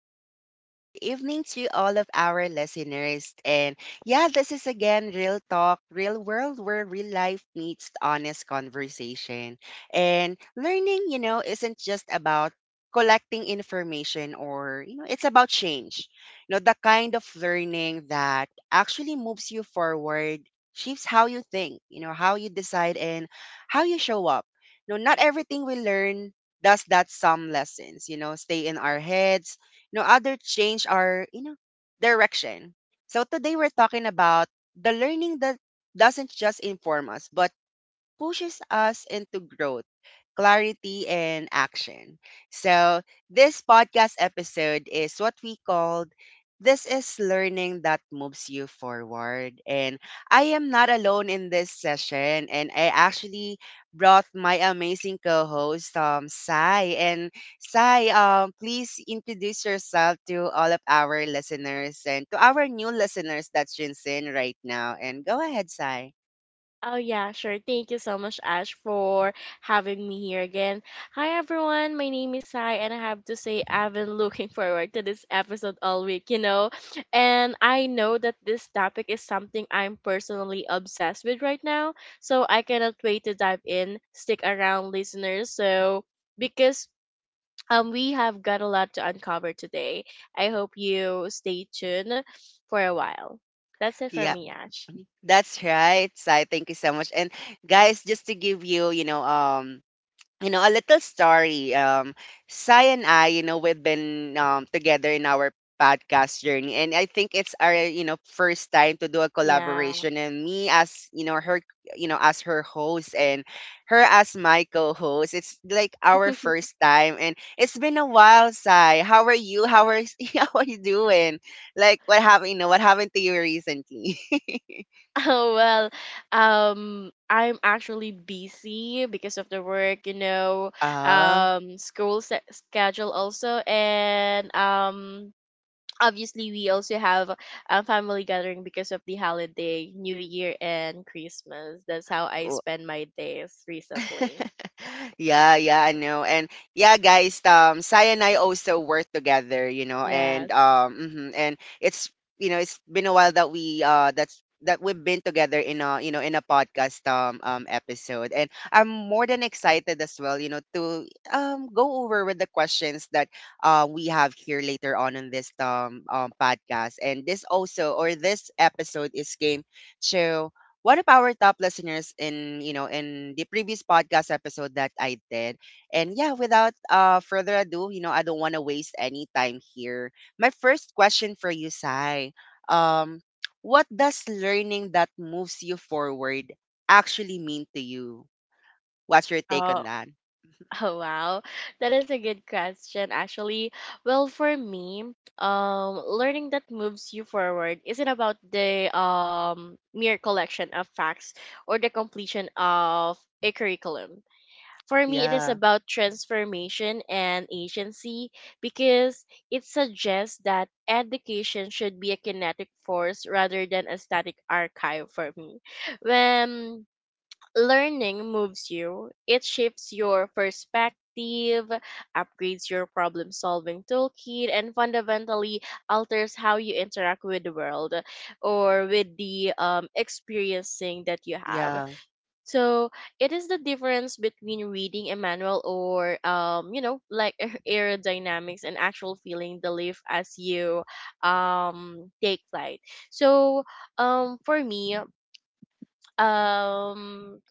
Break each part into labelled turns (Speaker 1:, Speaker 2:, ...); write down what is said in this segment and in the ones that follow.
Speaker 1: good afternoon, good evening to all of our listeners. And yeah, this is again Real Talk, Real World, where real life meets honest conversation. And learning isn't just about collecting information or it's about change. You know, the kind of learning that actually moves you forward, shapes how you think, how you decide and how you show up. No, not everything we learn does that. Some lessons stay in our heads. You know, other change our direction. So today we're talking about the learning that doesn't just inform us, but pushes us into growth, clarity, and action. So, this podcast episode is what we called This is Learning That Moves You Forward. And I am not alone in this session, and I actually brought my amazing co host, Sai. And Sai, please introduce yourself to all of our listeners and to our new listeners that's Jinsen right now. And go ahead, Sai.
Speaker 2: Oh, yeah, sure. Thank you so much, Ash, for having me here again. Hi, everyone. My name is Sai, and I have to say, I've been looking forward to this episode all week, And I know that this topic is something I'm personally obsessed with right now, so I cannot wait to dive in. Stick around, listeners. So, because we have got a lot to uncover today, I hope you stay tuned for a while. That's it for me, Ash.
Speaker 1: That's right, Sai. Thank you so much. And guys, just to give you a little story. Sai and I we've been together in our podcast journey, and I think it's our first time to do a
Speaker 2: Yeah.
Speaker 1: collaboration. And me as, you know, her, you know, as her host, and her as my co-host. It's like our first time, and it's been a while, Sai. How are you? How are how are you doing? Like, what happened? You know, what happened to you recently?
Speaker 2: Oh, well, I'm actually busy because of the work,
Speaker 1: Ah.
Speaker 2: schedule also, and obviously we also have a family gathering because of the holiday, New Year and Christmas. That's how I
Speaker 1: Oh.
Speaker 2: spend my days recently.
Speaker 1: Yeah, yeah, I know. And yeah, guys, Sai and I also work together, you know, and
Speaker 2: Yes.
Speaker 1: and it's been a while that we that's that we've been together in a you know in a podcast episode, and I'm more than excited as well, you know, to go over with the questions that we have here later on in this podcast. And this also or this episode is game show one of our top listeners in you know in the previous podcast episode that I did. And yeah, without further ado, you know, I don't want to waste any time here. My first question for you, Sai, um, what does learning that moves you forward actually mean to you? What's your take
Speaker 2: Oh.
Speaker 1: on that?
Speaker 2: Oh, wow, that is a good question actually. Well, for me, learning that moves you forward isn't about the mere collection of facts or the completion of a curriculum. For me, it is
Speaker 1: Yeah,
Speaker 2: about transformation and agency, because it suggests that education should be a kinetic force rather than a static archive for me. When learning moves you, it shifts your perspective, upgrades your problem solving toolkit, and fundamentally alters how you interact with the world or with the experiencing that you have.
Speaker 1: yeah.
Speaker 2: So it is the difference between reading a manual or, like aerodynamics and actual feeling the lift as you take flight. So for me, um,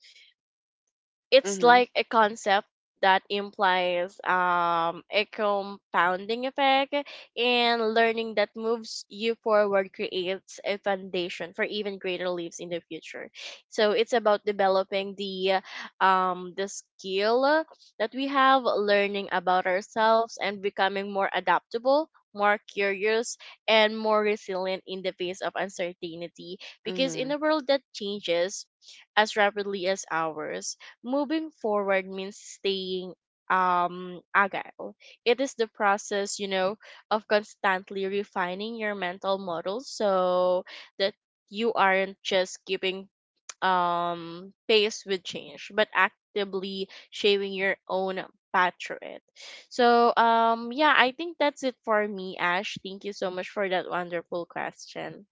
Speaker 2: it's
Speaker 1: Mm-hmm.
Speaker 2: like a concept that implies a compounding effect, and learning that moves you forward creates a foundation for even greater leaps in the future. So it's about developing the skill that we have, learning about ourselves and becoming more adaptable, more curious, and more resilient in the face of uncertainty, because
Speaker 1: Mm-hmm.
Speaker 2: in a world that changes as rapidly as ours, moving forward means staying agile. It is the process of constantly refining your mental model, so that you aren't just keeping pace with change, but actively shaping your own path through it. So yeah, I think that's it for me, Ash. Thank you so much for that wonderful question.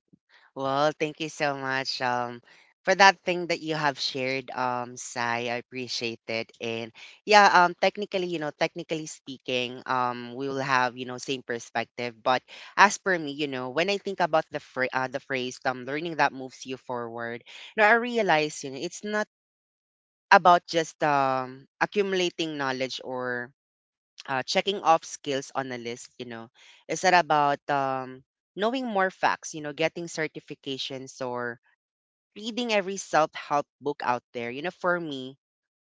Speaker 1: Well, thank you so much for that thing that you have shared, Sai. I appreciate it. And yeah, technically, you know, technically speaking, we will have you know same perspective. But as per me, you know, when I think about the phrase learning that moves you forward, you know, I realize you know it's not about just accumulating knowledge or checking off skills on a list. You know, it's not about knowing more facts. You know, getting certifications or reading every self-help book out there, you know, for me,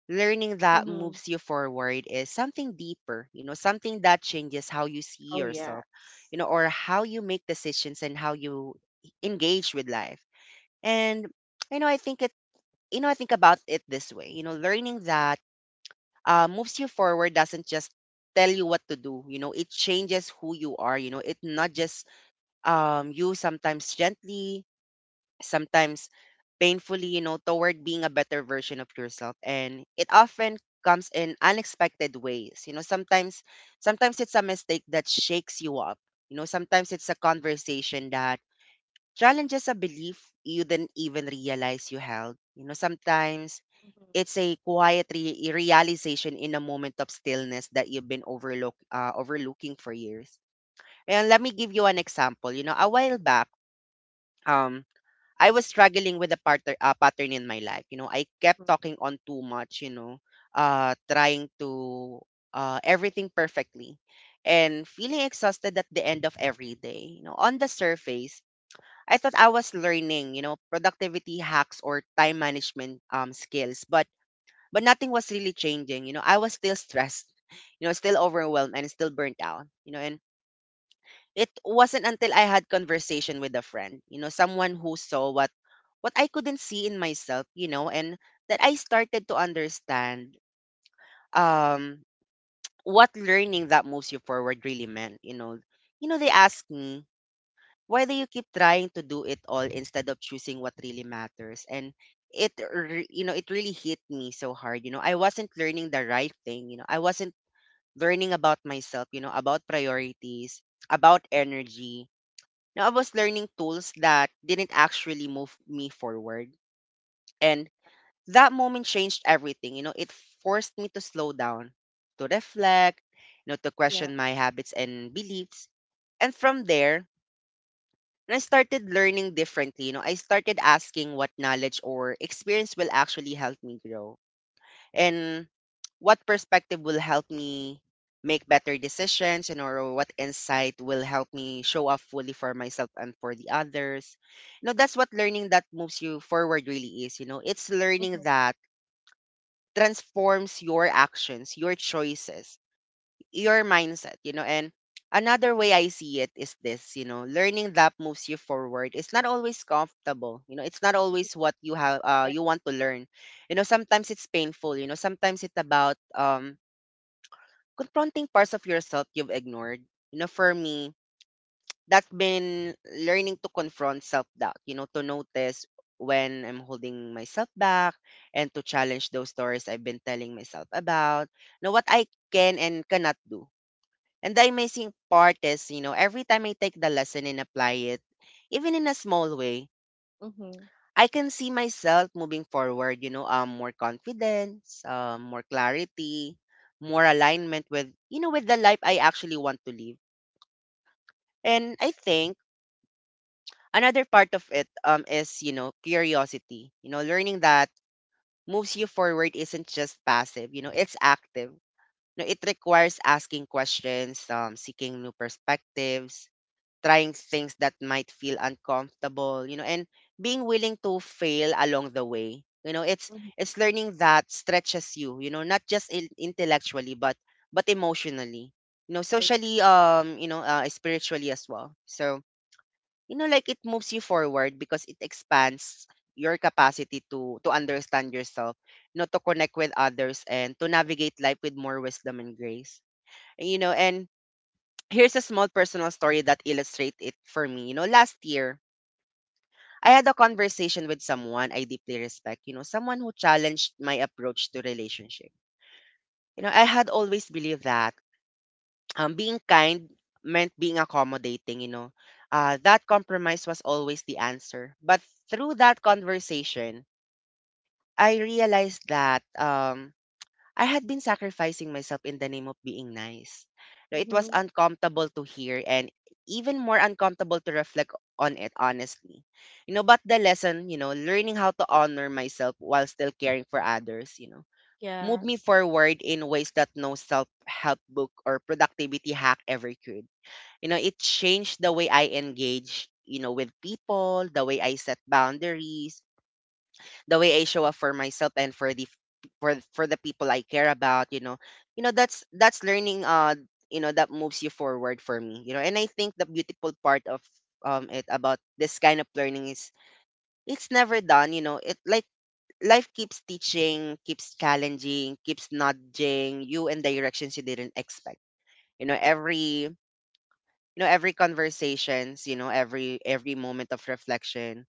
Speaker 1: learning that
Speaker 2: Mm-hmm.
Speaker 1: moves you forward is something deeper, you know, something that changes how you see
Speaker 2: Oh,
Speaker 1: yourself,
Speaker 2: yes.
Speaker 1: you know, or how you make decisions and how you engage with life. And you know, I think it, you know, I think about it this way, you know, learning that moves you forward doesn't just tell you what to do, you know it changes who you are, you know it not just you sometimes gently, sometimes painfully, you know, toward being a better version of yourself. And it often comes in unexpected ways. You know, sometimes it's a mistake that shakes you up. You know, sometimes it's a conversation that challenges a belief you didn't even realize you held. You know, sometimes
Speaker 2: Mm-hmm.
Speaker 1: it's a quiet realization in a moment of stillness that you've been overlooking for years. And let me give you an example. You know, a while back, um, I was struggling with a partner pattern in my life. You know, I kept
Speaker 2: Mm-hmm.
Speaker 1: talking on too much, you know, trying to everything perfectly and feeling exhausted at the end of every day. You know, on the surface, I thought I was learning, you know, productivity hacks or time management skills, but nothing was really changing. You know, I was still stressed, you know, still overwhelmed and still burnt out. You know, and it wasn't until I had conversation with a friend, you know, someone who saw what I couldn't see in myself, you know, and that I started to understand um what learning that moves you forward really meant, you know. You know, they asked me, why do you keep trying to do it all instead of choosing what really matters? And you know, it really hit me so hard, you know. I wasn't learning the right thing, you know. I wasn't learning about myself, you know, about priorities, about energy, now I was learning tools that didn't actually move me forward. And that moment changed everything. You know, it forced me to slow down, to reflect, you know, to
Speaker 2: Yeah.
Speaker 1: question my habits and beliefs. And from there, I started learning differently. You know, I started asking what knowledge or experience will actually help me grow and what perspective will help me make better decisions and or what insight will help me show up fully for myself and for the others, you know that's what learning that moves you forward really is, you know it's learning
Speaker 2: Mm-hmm.
Speaker 1: that transforms your actions, your choices, your mindset, you know, and another way I see it is this, you know, learning that moves you forward. It's not always comfortable, you know, it's not always what you have
Speaker 2: Right.
Speaker 1: you want to learn. You know, sometimes it's painful, you know, sometimes it's about confronting parts of yourself you've ignored. You know, for me, that's been learning to confront self-doubt, you know, to notice when I'm holding myself back and to challenge those stories I've been telling myself about. Know what I can and cannot do, and the amazing part is, you know, every time I take the lesson and apply it, even in a small way,
Speaker 2: Mm-hmm.
Speaker 1: I can see myself moving forward, you know, more confidence, more clarity, more alignment with, you know, with the life I actually want to live. And I think another part of it is, you know, curiosity, you know, learning that moves you forward isn't just passive, you know, it's active. You know, it requires asking questions, seeking new perspectives, trying things that might feel uncomfortable, you know, and being willing to fail along the way. You know, it's
Speaker 2: Mhm.
Speaker 1: it's learning that stretches you, you know, not just intellectually but emotionally. You know,
Speaker 2: Sorry.
Speaker 1: socially you know, spiritually as well. So, you know, like it moves you forward because it expands your capacity to understand yourself, you know, to connect with others and to navigate life with more wisdom and grace. You know, and here's a small personal story that illustrates it for me. You know, last year, I had a conversation with someone I deeply respect, you know, someone who challenged my approach to relationship. You know, I had always believed that being kind meant being accommodating, you know. That compromise was always the answer. But through that conversation, I realized that I had been sacrificing myself in the name of being nice. No, it was
Speaker 2: Mhm.
Speaker 1: uncomfortable to hear and even more uncomfortable to reflect on it honestly. You know, but the lesson, you know, learning how to honor myself while still caring for others, you know, moved me
Speaker 2: Yes.
Speaker 1: forward in ways that no self-help book or productivity hack ever could. You know, it changed the way I engage, you know, with people, the way I set boundaries, the way I show up for myself and for the for the people I care about, you know. You know, that's learning you know that moves you forward for me. You know, and I think the beautiful part of it about this kind of learning is it's never done, you know. It like life keeps teaching, keeps challenging, keeps nudging you in directions you didn't expect. You know, every conversations, you know, every moment of reflection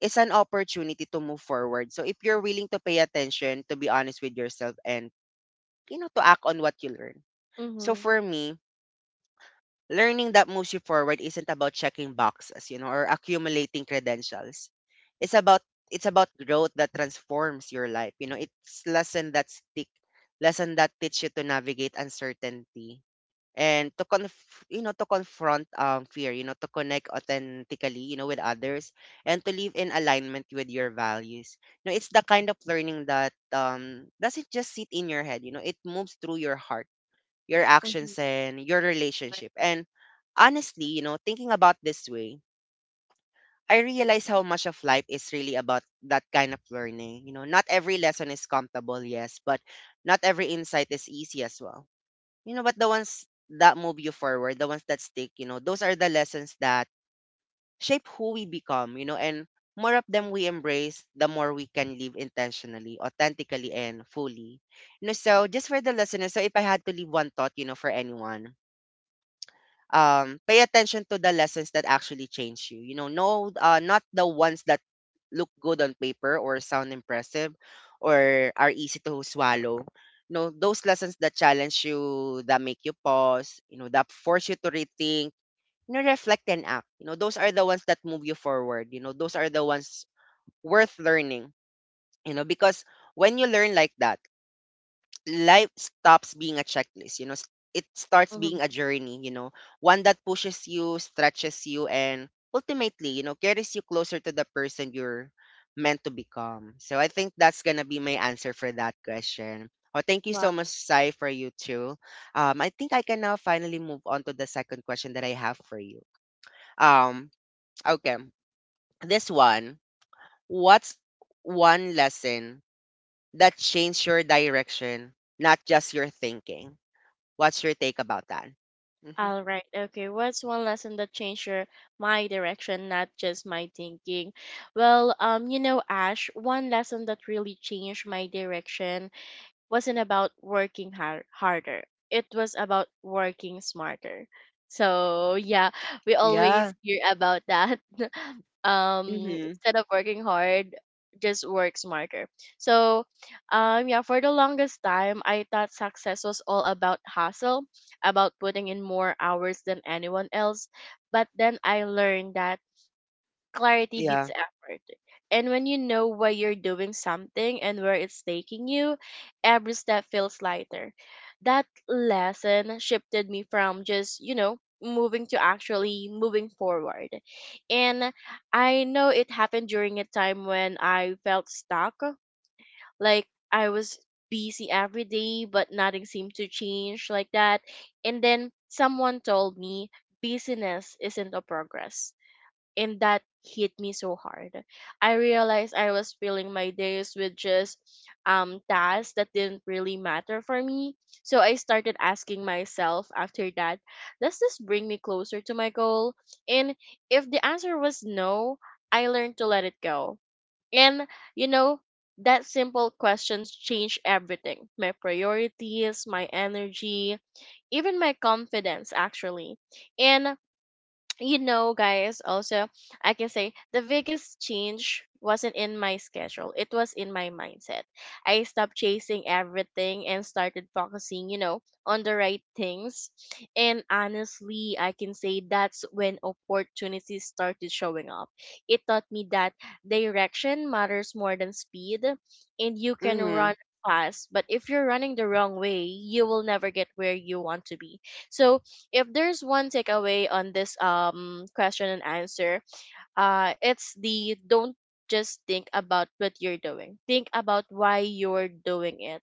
Speaker 1: is an opportunity to move forward. So if you're willing to pay attention, to be honest with yourself and you know to act on what you learn. So
Speaker 2: Mhm.
Speaker 1: for me, learning that moves you forward isn't about checking boxes, you know, or accumulating credentials. It's about growth that transforms your life. You know, it's lesson that stick, lesson that teach you to navigate uncertainty and to confront fear, you know, to connect authentically, you know, with others, and to live in alignment with your values. You know, it's the kind of learning that doesn't just sit in your head. You know, it moves through your heart, your
Speaker 2: Mhm.
Speaker 1: actions, and your
Speaker 2: Right.
Speaker 1: relationship. And honestly, you know, thinking about this way, I realize how much of life is really about that kind of learning. You know, not every lesson is comfortable, yes, but not every insight is easy as well. You know, but the ones that move you forward, the ones that stick, you know, those are the lessons that shape who we become, you know, and more of them we embrace, the more we can live intentionally, authentically, and fully. You know, so just for the listeners, so if I had to leave one thought, you know, for anyone, pay attention to the lessons that actually change you. You know, no, not the ones that look good on paper or sound impressive or are easy to swallow. No, those lessons that challenge you, that make you pause, you know, that force you to rethink, you know, reflect, and act. You know, those are the ones that move you forward. You know, those are the ones worth learning. You know, because when you learn like that, life stops being a checklist, you know. It starts
Speaker 2: Mhm.
Speaker 1: being a journey, you know, one that pushes you, stretches you, and ultimately, you know, carries you closer to the person you're meant to become. So I think that's gonna be my answer for that question. Oh, thank you so much,
Speaker 2: Wow.
Speaker 1: Sai, for you too. I think I can now finally move on to the second question that I have for you. um okay, this one. What's one lesson that changed your direction, not just your thinking? What's your take about that? Mhm.
Speaker 2: All right. Okay. What's one lesson that changed your my direction, not just my thinking? Well, Ash, one lesson that really changed my direction wasn't about harder. It was about working smarter. So yeah, we
Speaker 1: Yeah.
Speaker 2: always hear about that.
Speaker 1: Mm-hmm.
Speaker 2: Instead of working hard, just work smarter. So, yeah, for the longest time, I thought success was all about hustle, about putting in more hours than anyone else. But then I learned that clarity beats
Speaker 1: Yeah.
Speaker 2: effort. And when you know why you're doing something and where it's taking you, every step feels lighter. That lesson shifted me from just, moving to actually moving forward. And I know it happened during a time when I felt stuck, like I was busy every day, but nothing seemed to change like that. And then someone told me busyness isn't a progress, and that hit me so hard. I realized I was filling my days with just tasks that didn't really matter for me. So I started asking myself after that, does this bring me closer to my goal? And if the answer was no, I learned to let it go. And you know, that simple questions changed everything. My priorities, my energy, even my confidence actually. And guys, also, I can say the biggest change wasn't in my schedule, it was in my mindset. I stopped chasing everything and started focusing, on the right things. And honestly, I can say that's when opportunities started showing up. It taught me that direction matters more than speed, and you can
Speaker 1: Mm-hmm.
Speaker 2: run fast, but if you're running the wrong way, you will never get where you want to be. So, if there's one takeaway on this question and answer, uh, it's the don't just think about what you're doing. Think about why you're doing it.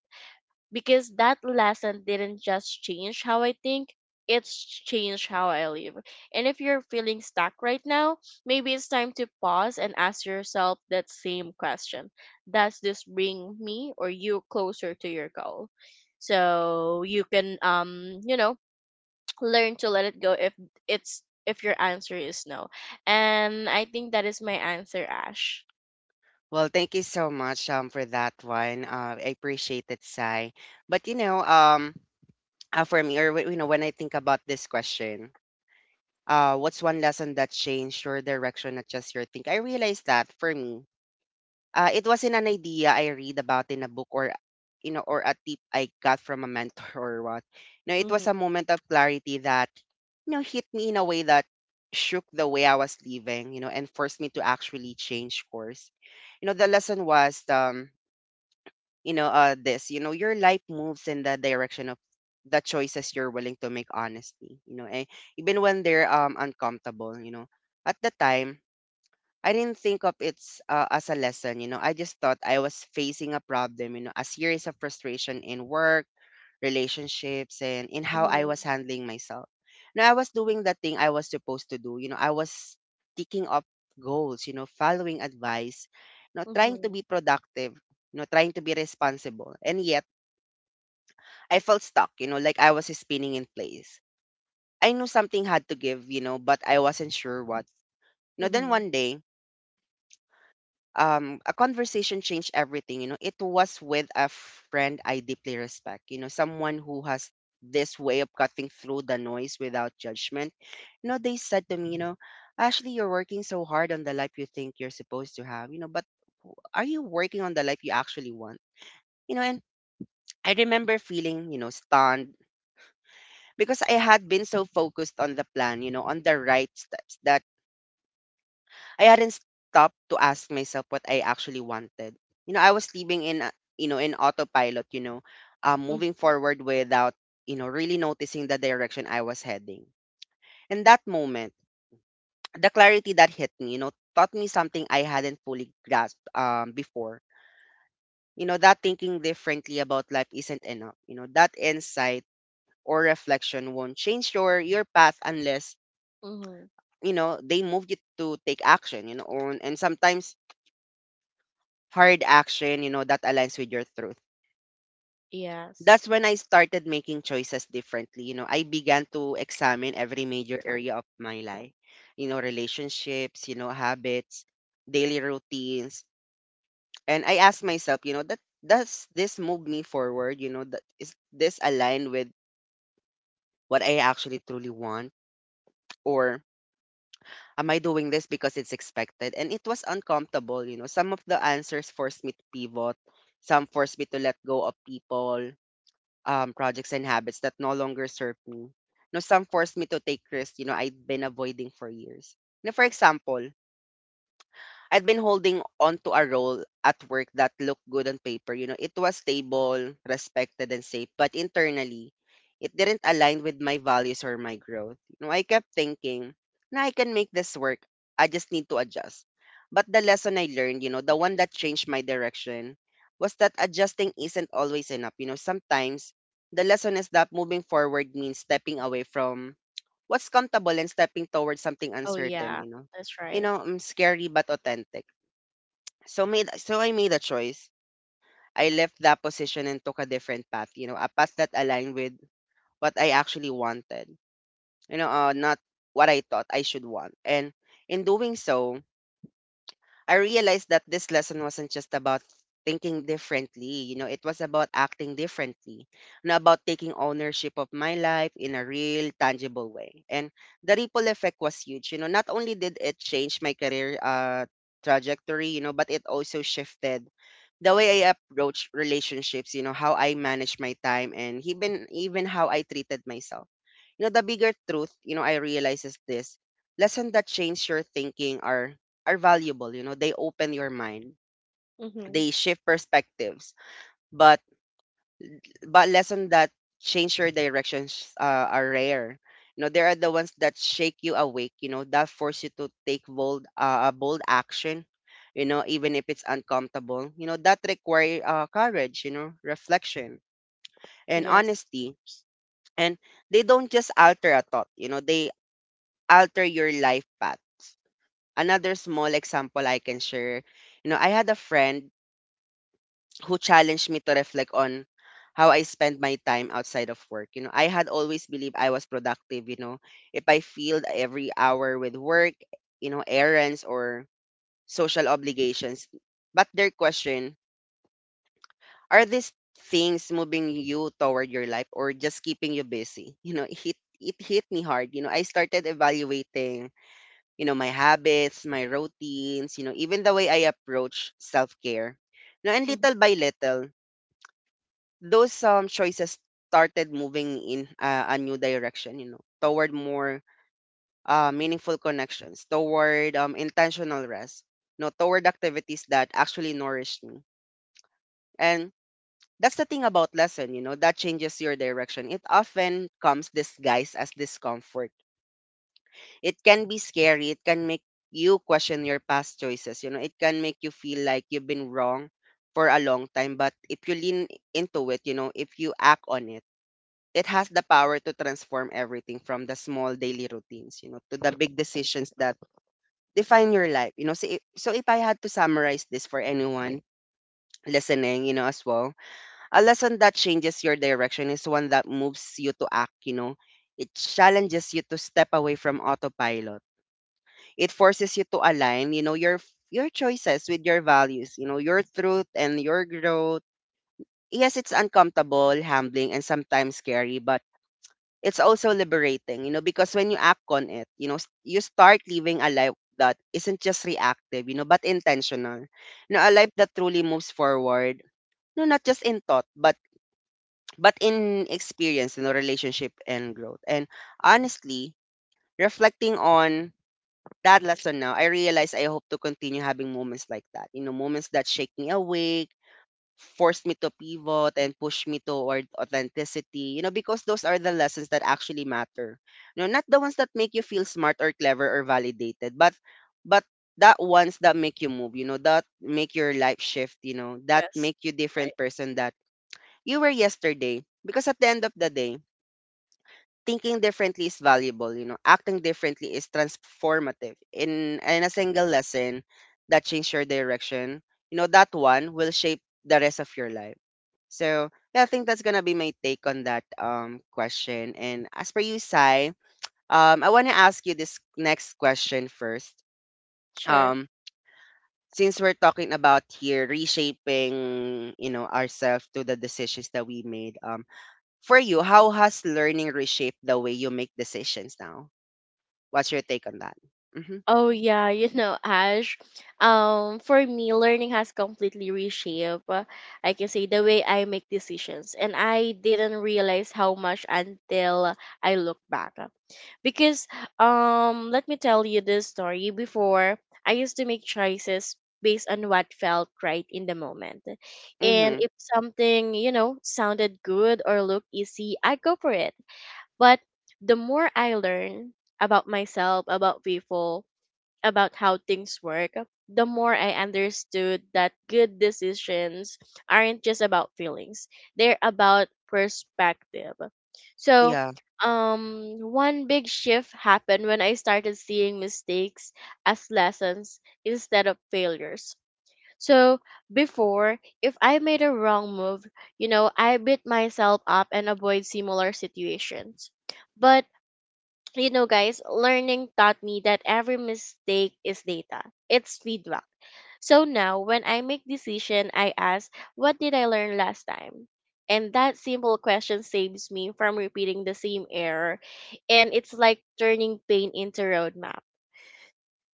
Speaker 2: Because that lesson didn't just change how I think, it's changed how I live. And if you're feeling stuck right now, maybe it's time to pause and ask yourself that same question. Does this bring me or you closer to your goal? So you can learn to let it go if it's if your answer is no. And I think that is my answer, Ash.
Speaker 1: Well, thank you so much for that one. I appreciate it, Sai. But you know, for me, or you know, when I think about this question, what's one lesson that changed your direction, not just your think? I realized that for me, it wasn't an idea I read about in a book or, you know, or a tip I got from a mentor or what. No, it
Speaker 2: Mhm.
Speaker 1: was a moment of clarity that, you know, hit me in a way that shook the way I was living, you know, and forced me to actually change course. You know, the lesson was, you know, this, you know, your life moves in the direction of the choices you're willing to make honestly, you know, even when they're uncomfortable, you know. At the time, I didn't think of it as a lesson, you know. I just thought I was facing a problem, you know, a series of frustration in work, relationships, and in how I
Speaker 2: Mhm.
Speaker 1: was handling myself. Now I was doing the thing I was supposed to do, you know. I was ticking up goals, you know, following advice, you know, trying to
Speaker 2: Mhm.
Speaker 1: be productive, you know, trying to be responsible, and yet I felt stuck, you know, like I was spinning in place. I knew something had to give, you know, but I wasn't sure what. You know, then
Speaker 2: Mhm.
Speaker 1: one day a conversation changed everything. You know, it was with a friend I deeply respect, you know, someone who has this way of cutting through the noise without judgment. You know, they said to me, you know, Ashley, you're working so hard on the life you think you're supposed to have, you know, but are you working on the life you actually want? You know, and I remember feeling, you know, stunned because I had been so focused on the plan, you know, on the right steps that I hadn't stopped to ask myself what I actually wanted. You know, I was living in, you know, in autopilot, you know,
Speaker 2: Mhm.
Speaker 1: moving forward without, you know, really noticing the direction I was heading. In that moment, the clarity that hit me, you know, taught me something I hadn't fully grasped before. You know, that thinking differently about life isn't enough. You know, that insight or reflection won't change your path unless,
Speaker 2: Mhm.
Speaker 1: you know, they move you to take action, you know, or, and sometimes hard action, you know, that aligns with your truth.
Speaker 2: Yes.
Speaker 1: That's when I started making choices differently. You know, I began to examine every major area of my life, you know, relationships, you know, habits, daily routines. And I asked myself, you know, that does this move me forward? You know, that is this aligned with what I actually truly want? Or am I doing this because it's expected? And it was uncomfortable, you know. Some of the answers forced me to pivot, some forced me to let go of people, projects, and habits that no longer serve me. You know, some forced me to take risks, you know, I'd been avoiding for years. You know, for example, I'd been holding on to a role at work that looked good on paper. You know, it was stable, respected, and safe, but internally, it didn't align with my values or my growth. You know, I kept thinking, now I can make this work. I just need to adjust. But the lesson I learned, you know, the one that changed my direction was that adjusting isn't always enough. You know, sometimes the lesson is that moving forward means stepping away from what's comfortable and stepping towards something
Speaker 2: Oh,
Speaker 1: uncertain,
Speaker 2: yeah.
Speaker 1: you know,
Speaker 2: That's
Speaker 1: you
Speaker 2: right.
Speaker 1: know, scary but authentic. So I made a choice. I left that position and took a different path, you know, a path that aligned with what I actually wanted. You know, not what I thought I should want. And in doing so, I realized that this lesson wasn't just about thinking differently, you know, it was about acting differently and about taking ownership of my life in a real, tangible way. And the ripple effect was huge. You know, not only did it change my career trajectory, you know, but it also shifted the way I approach relationships, you know, how I manage my time, and even how I treated myself. You know, the bigger truth, you know, I realize is this lesson that change your thinking are valuable, you know, they open your mind,
Speaker 2: Mhm.
Speaker 1: they shift perspectives. But but lessons that change your directions are rare. You know, there are the ones that shake you awake, you know, that force you to take bold action, you know, even if it's uncomfortable. You know, that require, courage, you know, reflection, and
Speaker 2: Yes.
Speaker 1: honesty. And they don't just alter a thought, you know, they alter your life path. Another small example I can share, you know, I had a friend who challenged me to reflect on how I spend my time outside of work. You know, I had always believed I was productive, you know, if I filled every hour with work, you know, errands, or social obligations. But their question, are these things moving you toward your life or just keeping you busy? You know, it hit me hard. You know, I started evaluating, you know, my habits, my routines, you know, even the way I approach self-care. You know, and
Speaker 2: Mhm.
Speaker 1: little by little, those choices started moving in, a new direction, you know, toward more, meaningful connections, toward intentional rest, you know, toward activities that actually nourish me. And that's the thing about lesson, you know, that changes your direction: it often comes disguised as discomfort. It can be scary, it can make you question your past choices, you know, it can make you feel like you've been wrong for a long time, but if you lean into it, you know, if you act on it, it has the power to transform everything from the small daily routines, you know, to the big decisions that define your life. You know, So if I had to summarize this for anyone listening, you know, as well, a lesson that changes your direction is one that moves you to act, you know. It challenges you to step away from autopilot. It forces you to align, you know, your choices with your values, you know, your truth, and your growth. Yes, it's uncomfortable, humbling, and sometimes scary, but it's also liberating, you know, because when you act on it, you know, you start living a life that isn't just reactive, you know, but intentional. You know, a life that truly moves forward, no, not just in thought, but in experience, you know, relationship, and growth. And honestly, reflecting on that lesson now, I realize I hope to continue having moments like that. Moments that shake me awake, forced me to pivot and push me toward authenticity, because those are the lessons that actually matter. Not the ones that make you feel smart or clever or validated, but that ones that make you move, that make your life shift, that
Speaker 2: Yes.
Speaker 1: make you
Speaker 2: Right.
Speaker 1: different person that you were yesterday. Because at the end of the day, thinking differently is valuable. Acting differently is transformative. In a single lesson that changed your direction, that one will shape the rest of your life. So yeah, I think that's gonna be my take on that question. And as per you, Sai, I wanna ask you this next question first.
Speaker 2: Sure.
Speaker 1: Um, since we're talking about here reshaping, ourselves to the decisions that we made, for you, how has learning reshaped the way you make decisions now? What's your take on that? Mhm,
Speaker 2: Oh, yeah, Ash. For me, learning has completely reshaped, I can say the way I make decisions, and I didn't realize how much until I look back. Because let me tell you this story. Before, I used to make choices based on what felt right in the moment, and
Speaker 1: mhm.
Speaker 2: if something sounded good or looked easy, I go for it. But the more I learn about myself, about people, about how things work, the more I understood that good decisions aren't just about feelings, they're about perspective. So,
Speaker 1: Yeah.
Speaker 2: one big shift happened when I started seeing mistakes as lessons instead of failures. So, before, if I made a wrong move, I beat myself up and avoid similar situations. But guys, learning taught me that every mistake is data. It's feedback. So now when I make decision, I ask, what did I learn last time? And that simple question saves me from repeating the same error. And it's like turning pain into roadmap.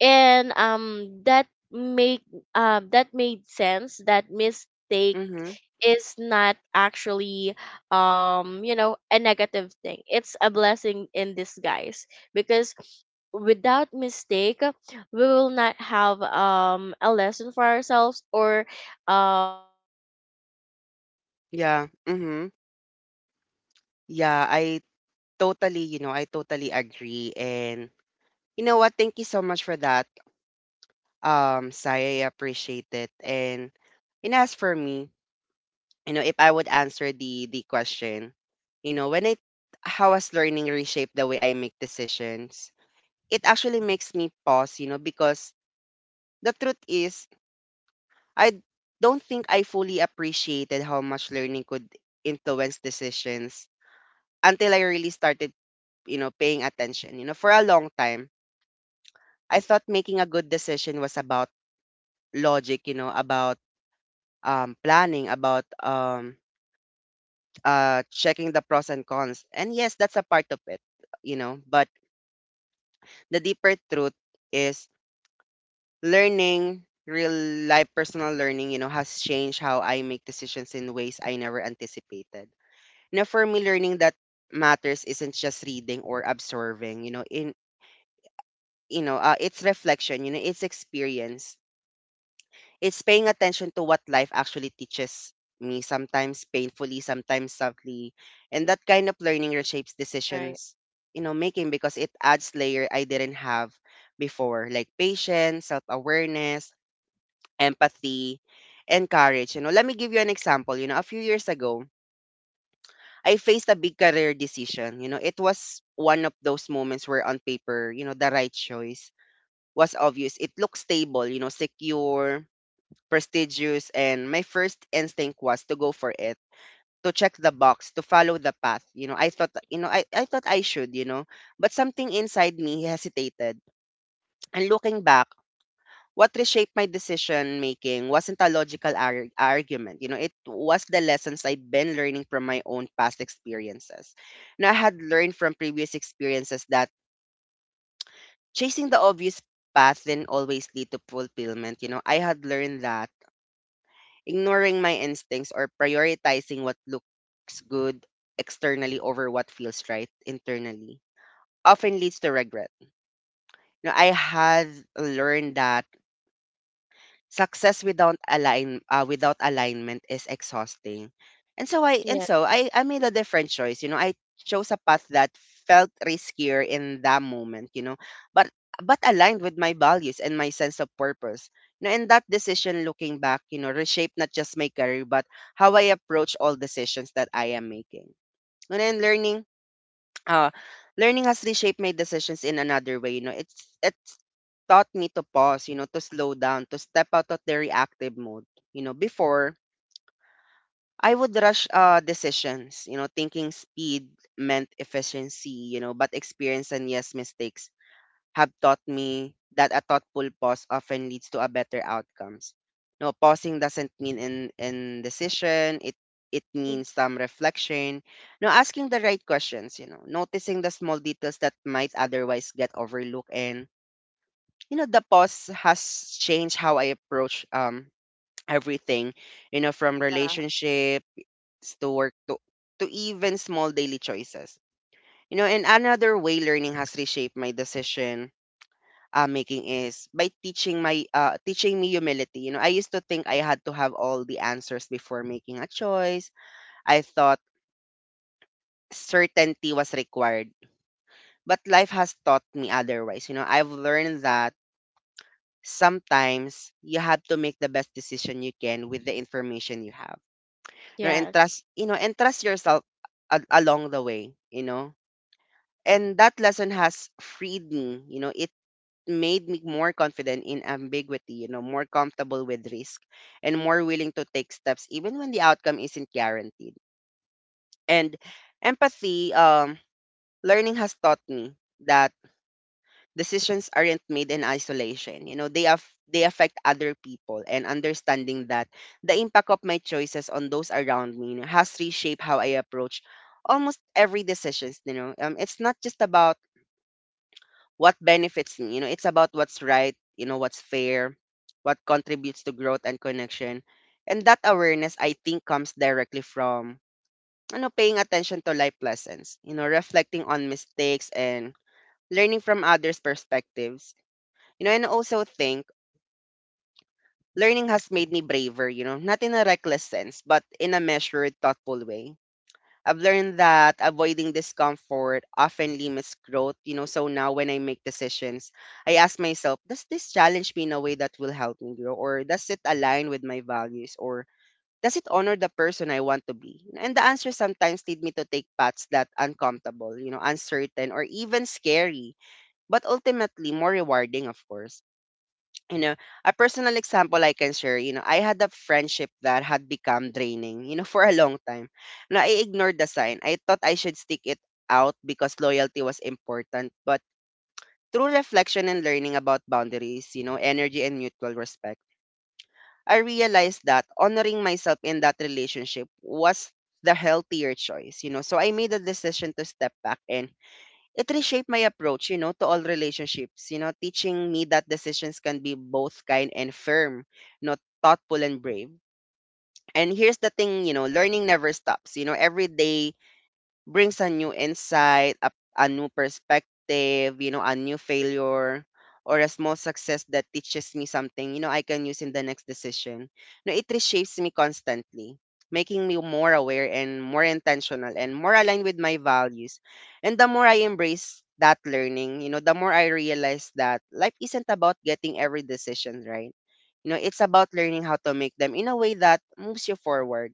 Speaker 2: And that made sense, that mistake
Speaker 1: Mhm.
Speaker 2: is not actually a negative thing, it's a blessing in disguise, because without mistake we will not have a lesson for ourselves or have a second chance to
Speaker 1: Yeah.
Speaker 2: make
Speaker 1: Mhm.
Speaker 2: everything right. Yeah.
Speaker 1: Yeah,
Speaker 2: And
Speaker 1: I totally,
Speaker 2: Mhm.
Speaker 1: you know, I totally agree. And you know what? Thank you so much for that. Sai, I appreciate it. And as for me, if I would answer the question, you know, when I how has learning reshaped the way I make decisions? It actually makes me pause, because the truth is I don't think I fully appreciated how much learning could influence decisions until I really started, paying attention. For a long time, I thought making a good decision was about logic, about planning, about checking the pros and cons. And yes, that's a part of it, but the deeper truth is learning real life personal learning has changed how I make decisions in ways I never anticipated. Now, for me, learning that matters isn't just reading or absorbing. It's reflection. It's experience. It's paying attention to what life actually teaches me. Sometimes painfully, sometimes softly, and that kind of learning reshapes
Speaker 2: Right.
Speaker 1: decisions. You know, making because it adds layer I didn't have before, like patience, self awareness, empathy, and courage. Let me give you an example. A few years ago, I faced a big career decision. It was one of those moments where on paper, the right choice was obvious. It looked stable, secure, prestigious, and my first instinct was to go for it, to check the box, to follow the path. I thought I should, but something inside me hesitated. And looking back, what reshaped my decision making wasn't a logical argument. It was the lessons I'd been learning from my own past experiences. Now, I had learned from previous experiences that chasing the obvious path didn't always lead to fulfillment. I had learned that ignoring my instincts or prioritizing what looks good externally over what feels right internally often leads to regret. Now, I had learned that success without align without alignment is exhausting. And so I
Speaker 2: Yeah.
Speaker 1: and so I I made a different choice. I chose a path that felt riskier in that moment. But but aligned with my values and my sense of purpose. And that decision, looking back, reshaped not just my career but how I approach all decisions that I am making. And then uh, learning has reshaped my decisions in another way. It's taught me to pause, to slow down, to step out of the reactive mode. Before I would rush decisions, thinking speed meant efficiency, but experience and yes mistakes have taught me that a thoughtful pause often leads to a better outcomes. No, pausing doesn't mean in indecision. It
Speaker 2: Mhm.
Speaker 1: means some reflection. No, asking the right questions, noticing the small details that might otherwise get overlooked and the pause has changed how I approach everything, from
Speaker 2: Yeah.
Speaker 1: relationships to work to even small daily choices. And another way learning has reshaped my decision making is by teaching me humility. I used to think I had to have all the answers before making a choice. I thought certainty was required, but life has taught me otherwise. I've learned that sometimes you have to make the best decision you can with the information you have. You know, and
Speaker 2: Yes.
Speaker 1: trust you know and trust yourself along the way. And that lesson has freed me. It made me more confident in ambiguity, more comfortable with risk and more willing to take steps even when the outcome isn't guaranteed. And empathy, learning has taught me that decisions aren't made in isolation. They affect other people and understanding that the impact of my choices on those around me has reshaped how I approach almost every decisions. It's not just about what benefits me. It's about what's right, what's fair, what contributes to growth and connection. And that awareness, I think, comes directly from, paying attention to life lessons, reflecting on mistakes and learning from others' perspectives. And I also think learning has made me braver, not in a reckless sense, but in a measured, thoughtful way. I've learned that avoiding discomfort often limits growth. So now when I make decisions, I ask myself, does this challenge me in a way that will help me grow? Or does it align with my values? Or does it honor the person I want to be? And the answers sometimes lead me to take paths that uncomfortable, uncertain or even scary, but ultimately more rewarding, of course you know, a personal example I can share, I had a friendship that had become draining, for a long time. Now, I ignored the sign. I thought I should stick it out because loyalty was important. But through reflection and learning about boundaries, energy and mutual respect, I realized that honoring myself in that relationship was the healthier choice. So I made a decision to step back and it reshaped my approach, to all relationships, teaching me that decisions can be both kind and firm, you know, thoughtful and brave. And here's the thing, learning never stops. Every day brings a new insight, a new perspective, a new failure or a small success that teaches me something, I can use in the next decision. No, it reshapes me constantly, making me more aware and more intentional and more aligned with my values. And the more I embrace that learning, the more I realize that life isn't about getting every decision right. It's about learning how to make them in a way that moves you forward.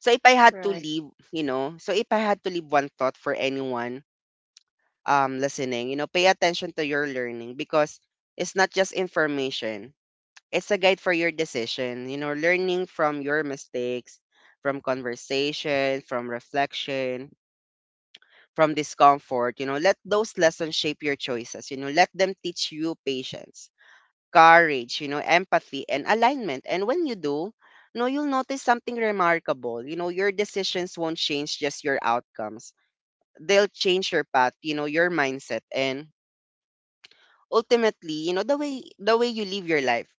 Speaker 2: Right.
Speaker 1: So if I had to leave one thought for anyone listening, pay attention to your learning because it's not just information. It's a guide for your decision, learning from your mistakes, from conversation, from reflection, from discomfort. Let those lessons shape your choices, let them teach you patience, courage, empathy, and alignment. And when you do, no, you'll notice something remarkable. Your decisions won't change just your outcomes. They'll change your path, your mindset and ultimately, the way you live your life.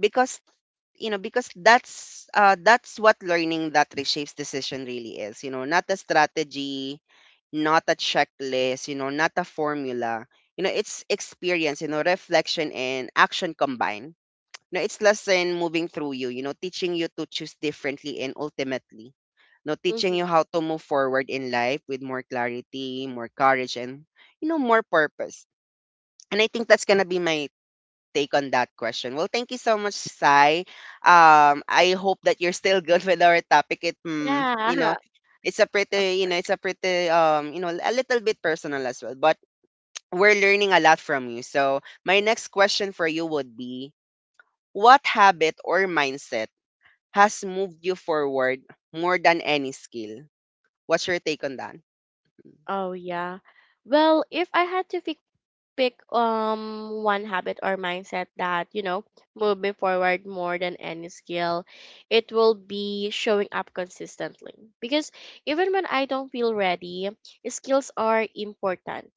Speaker 1: Because because that's what learning that reshapes decision really is. Not a strategy, not a checklist, not a formula. It's experience, reflection and action combined. No, it's lesson moving through you, teaching you to choose differently and ultimately, no, teaching you
Speaker 2: Hmm.
Speaker 1: how to move forward in life with more clarity, more courage, and, more purpose. And I think that's going to be my take on that question. Well, thank you so much, Sai. I hope that you're still good with our topic. It, mm, you know,
Speaker 2: Yeah.
Speaker 1: it's
Speaker 2: Of course.
Speaker 1: a pretty, you know, a little bit personal as well, but we're learning a lot from you. So my next question for you would be, what habit or mindset has moved you forward more than any skill? What's your take on that?
Speaker 2: Oh, yeah. Well, if I had to fix pick one habit or mindset that move me forward more than any skill, it will be showing up consistently. Because even when I don't feel ready, skills are important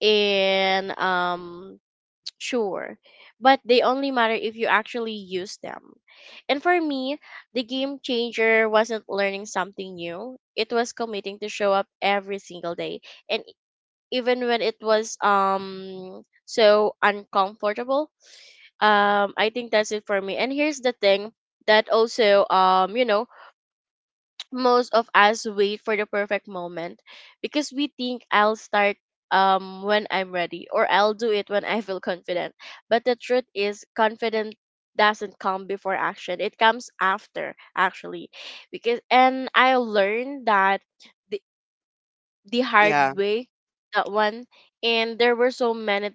Speaker 2: and sure, but they only matter if you actually use them. And for me, the game changer wasn't learning something new, it was committing to show up every single day, and even when it was so uncomfortable. I think that's it for me. And here's the thing, that also, most of us wait for the perfect moment, because we think I'll start when I'm ready, or I'll do it when I feel confident. But the truth is confident doesn't come before action. It comes after actually. Because and I learned that the hard
Speaker 1: Yeah,
Speaker 2: way, that one. And there were so many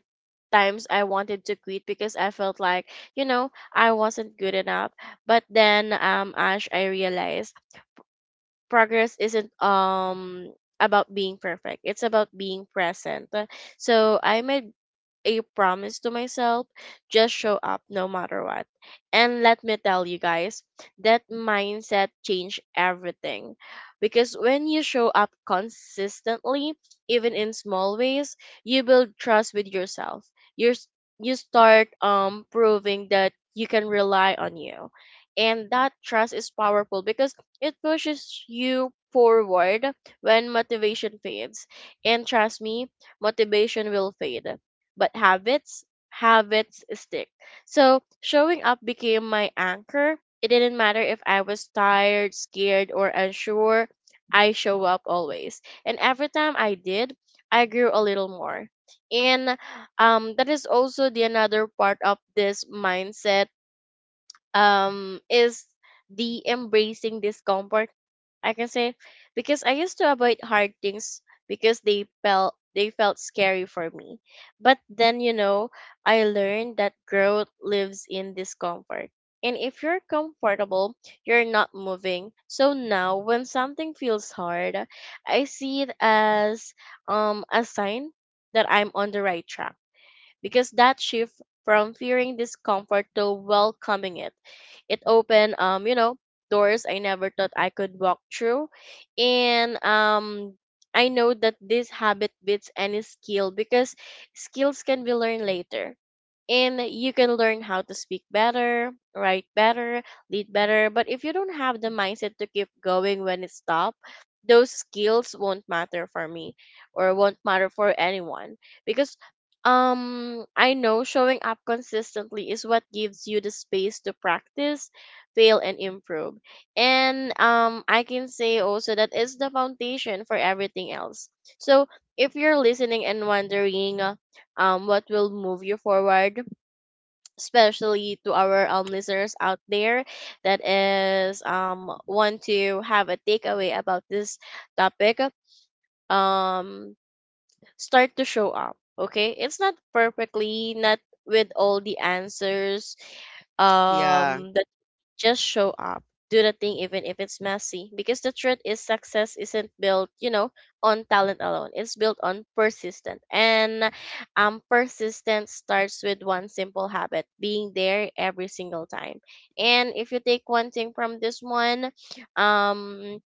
Speaker 2: times I wanted to quit because I felt like I wasn't good enough. But then Ash, I realized progress isn't about being perfect, it's about being present. So I made a promise to myself, just show up no matter what. And let me tell you guys, that mindset changed everything. Because when you show up consistently, even in small ways, you build trust with yourself. You're, s- you start proving that you can rely on you. And that trust is powerful because it pushes you forward when motivation fades. And trust me, motivation will fade, but habits, habits stick. So showing up became my anchor. It didn't matter if I was tired, scared, or unsure. I show up always. And every time I did, I grew a little more. And that is also the another part of this mindset, is the embracing discomfort, I can say, because I used to avoid hard things because they felt scary for me. But then I learned that growth lives in discomfort, and if you're comfortable, you're not moving. So now when something feels hard, I see it as a sign that I'm on the right track, because that shift from fearing discomfort to welcoming it, it opened, doors I never thought I could walk through. And I know that this habit beats any skill, because skills can be learned later, and you can learn how to speak better, write better, lead better. But if you don't have the mindset to keep going when it stops, those skills won't matter for me or won't matter for anyone, because I know showing up consistently is what gives you the space to practice, fail and improve. And I can say also that is the foundation for everything else. So if you're listening and wondering what will move you forward, especially to our listeners out there that is want to have a takeaway about this topic, um start to show up. Okay, it's not perfectly, not with all the answers,
Speaker 1: yeah.
Speaker 2: that just show up. Do the thing even if it's messy. Because the truth is success isn't built, you know, on talent alone. It's built on persistence. And persistence starts with one simple habit, being there every single time. And if you take one thing from this one, um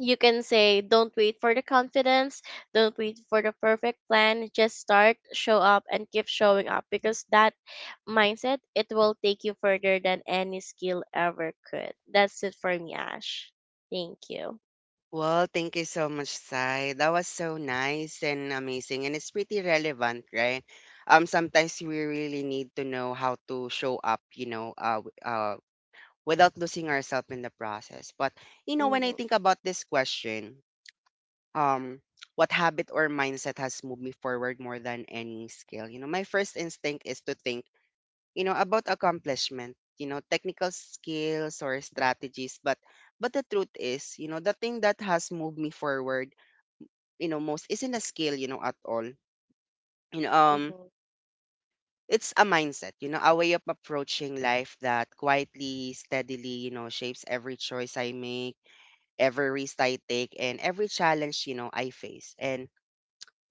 Speaker 2: you can say don't wait for the confidence, don't wait for the perfect plan, just start, show up and keep showing up, because that mindset, it will take you further than any skill ever could. That's it for me, Ash. Thank you.
Speaker 1: Well, thank you so much, Sai. That was so nice and amazing, and it's pretty relevant, right? Sometimes we really need to know how to show up, without losing ourselves in the process. But when I
Speaker 2: Mm-hmm.
Speaker 1: think about this question, um, what habit or mindset has moved me forward more than any skill? My first instinct is to think about accomplishment, technical skills or strategies, but the truth is, the thing that has moved me forward most isn't a skill at all, you know um
Speaker 2: Mm-hmm.
Speaker 1: it's a mindset, a way of approaching life that quietly, steadily, shapes every choice I make, every risk I take, and every challenge I face. And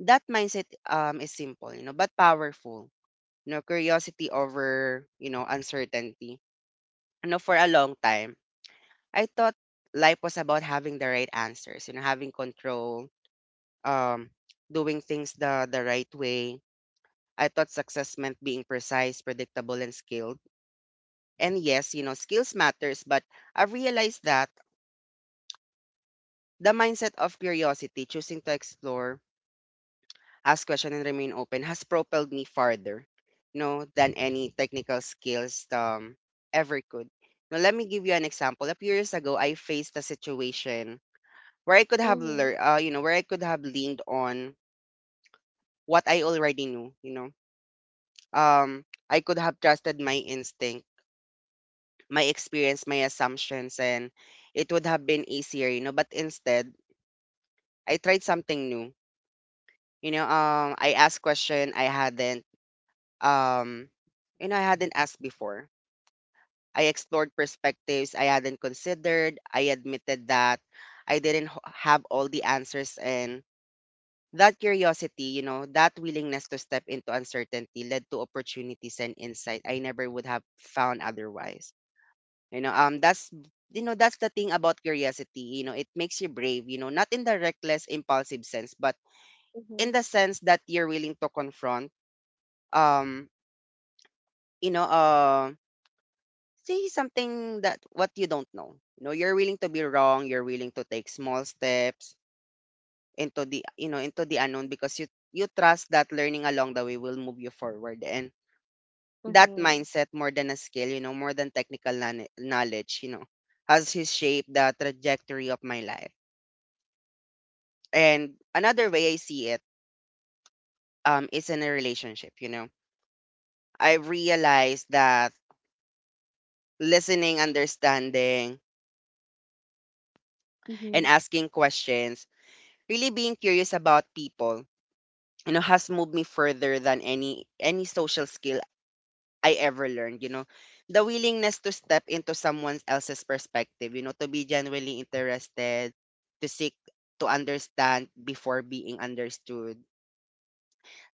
Speaker 1: that mindset is simple, but powerful. Curiosity over uncertainty. For a long time, I thought life was about having the right answers, having control, um, doing things the right way. I thought success meant being precise, predictable, and skilled. And yes, skills matters, but I've realized that the mindset of curiosity, choosing to explore, ask questions, and remain open has propelled me farther, than any technical skills ever could. Now, let me give you an example. A few years ago, I faced a situation where I could have
Speaker 2: Mm-hmm.
Speaker 1: learned, where I could have leaned on what I already knew, I could have trusted my instinct, my experience, my assumptions, and it would have been easier, But instead, I tried something new, I asked question I hadn't, um, I hadn't asked before. I explored perspectives I hadn't considered. I admitted that I didn't have all the answers, and that curiosity, that willingness to step into uncertainty led to opportunities and insight I never would have found otherwise. You know, that's you know that's the thing about curiosity. It makes you brave, not in the reckless, impulsive sense, but in
Speaker 2: Mm-hmm.
Speaker 1: the sense that you're willing to confront, Um, you know, uh, say something that what you don't know. You're willing to be wrong. You're willing to take small steps into the, into the unknown, because you trust that learning along the way will move you forward. And that
Speaker 2: Mm-hmm.
Speaker 1: mindset, more than a skill, more than technical knowledge, has shaped the trajectory of my life. And another way I see it, is in a relationship, I've realized that listening, understanding,
Speaker 2: Mm-hmm.
Speaker 1: and asking questions, really being curious about people, has moved me further than any social skill I ever learned, the willingness to step into someone else's perspective, to be genuinely interested, to seek to understand before being understood.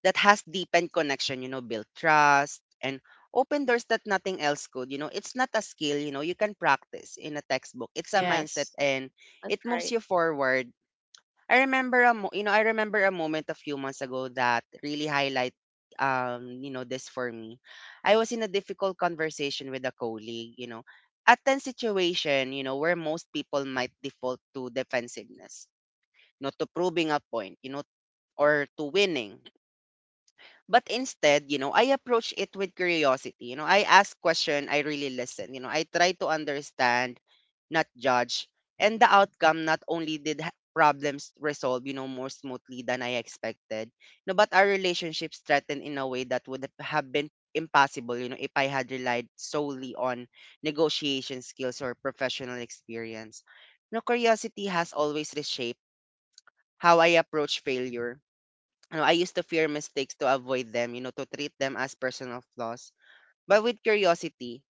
Speaker 1: That has deepened connection, built trust, and open doors that nothing else could. It's not a skill, you can practice in a textbook. It's a mindset,
Speaker 2: Yes,
Speaker 1: and
Speaker 2: that's
Speaker 1: it moves
Speaker 2: right.
Speaker 1: you forward. I remember a moment a few months ago that really highlight, this for me. I was in a difficult conversation with a colleague, a tense situation, where most people might default to defensiveness, to proving a point, or to winning. But instead, I approach it with curiosity. I ask question, I really listen. I try to understand, not judge. And the outcome, not only did problems resolve, more smoothly than I expected, no, but our relationship strengthened in a way that would have been impossible, if I had relied solely on negotiation skills or professional experience. No, curiosity has always reshaped how I approach failure. I used to fear mistakes, to avoid them, to treat them as personal flaws. But with curiosity,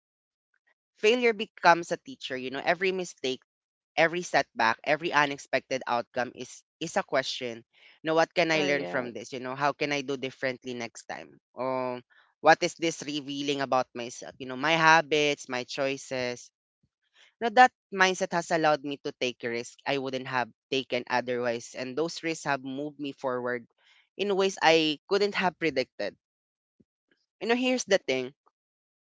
Speaker 1: failure becomes a teacher. Every mistake, every setback, every unexpected outcome is a question. What can
Speaker 2: Oh,
Speaker 1: I learn from
Speaker 2: yes.
Speaker 1: this? How can I do differently next time? What is this revealing about myself? My habits, my choices. Now that mindset has allowed me to take risks I wouldn't have taken otherwise, and those risks have moved me forward in ways I couldn't have predicted. Here's the thing.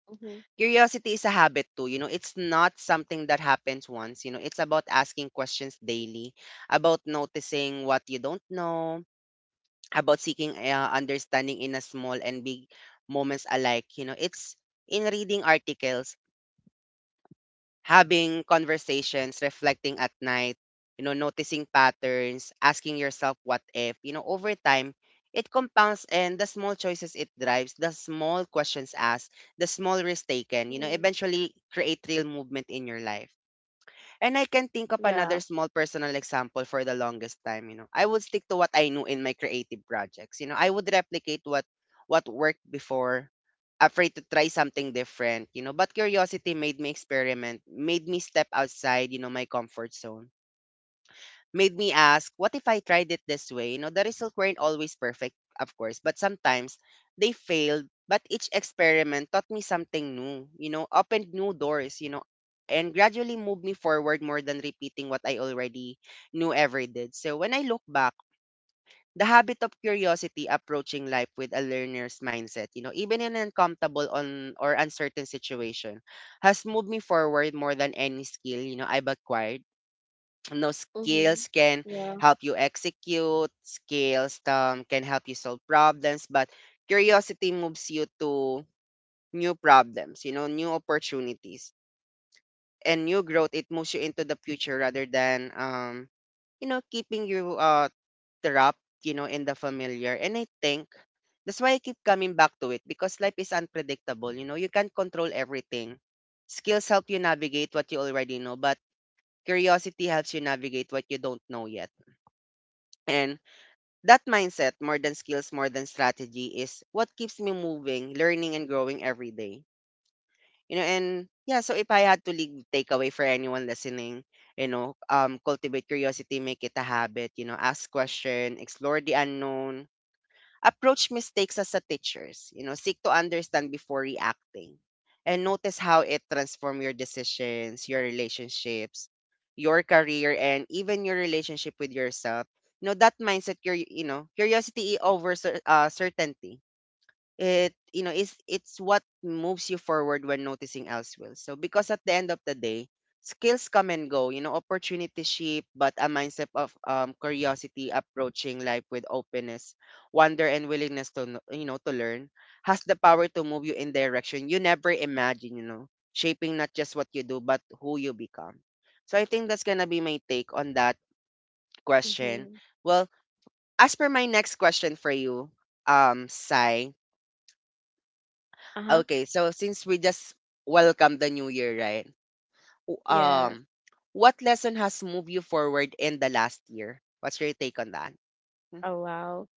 Speaker 2: Mm-hmm.
Speaker 1: Curiosity is a habit too. It's not something that happens once. It's about asking questions daily, about noticing what you don't know, about seeking understanding in a small and big moments alike. It's in reading articles, having conversations, reflecting at night, noticing patterns, asking yourself what if. Over time, it compounds, and the small choices it drives, the small questions asked, the small risks
Speaker 2: Mm-hmm.
Speaker 1: taken, eventually create real movement in your life. And I can think
Speaker 2: Yeah.
Speaker 1: of another small personal example. For the longest time, I would stick to what I knew in my creative projects. I would replicate what worked before, afraid to try something different, But curiosity made me experiment, made me step outside, my comfort zone, made me ask, what if I tried it this way? The results weren't always perfect, of course, but sometimes they failed. But each experiment taught me something new, opened new doors, and gradually moved me forward more than repeating what I already knew ever did. So when I look back, the habit of curiosity, approaching life with a learner's mindset, even in an uncomfortable on or uncertain situation, has moved me forward more than any skill, I've acquired. No
Speaker 2: Mm-hmm.
Speaker 1: skills can
Speaker 2: Yeah.
Speaker 1: help you execute skills, can help you solve problems, but curiosity moves you to new problems, new opportunities, and new growth. It moves you into the future rather than, keeping you, trapped, in the familiar. And I think that's why I keep coming back to it, because life is unpredictable. You can't control everything. Skills help you navigate what you already know, but curiosity helps you navigate what you don't know yet. And that mindset, more than skills, more than strategy, is what keeps me moving, learning, and growing every day. You know, and yeah, so if I had to leave takeaway for anyone listening, cultivate curiosity, make it a habit. Ask question, explore the unknown, approach mistakes as a teachers, seek to understand before reacting, and notice how it transform your decisions, your relationships, your career, and even your relationship with yourself. That mindset, curiosity over certainty, it's what moves you forward when noticing else will. So because at the end of the day, skills come and go. Opportunities shift, but a mindset of, curiosity, approaching life with openness, wonder, and willingness to learn, has the power to move you in direction you never imagine. Shaping not just what you do, but who you become. So I think that's gonna be my take on that question.
Speaker 2: Mm-hmm.
Speaker 1: Well, as per my next question for you, Sai,
Speaker 2: Uh huh.
Speaker 1: okay, so since we just welcomed the new year, right? w-
Speaker 2: Yes.
Speaker 1: Um, what lesson has moved you forward in the last year? What's your take on that? Hmm?
Speaker 2: Oh, wow.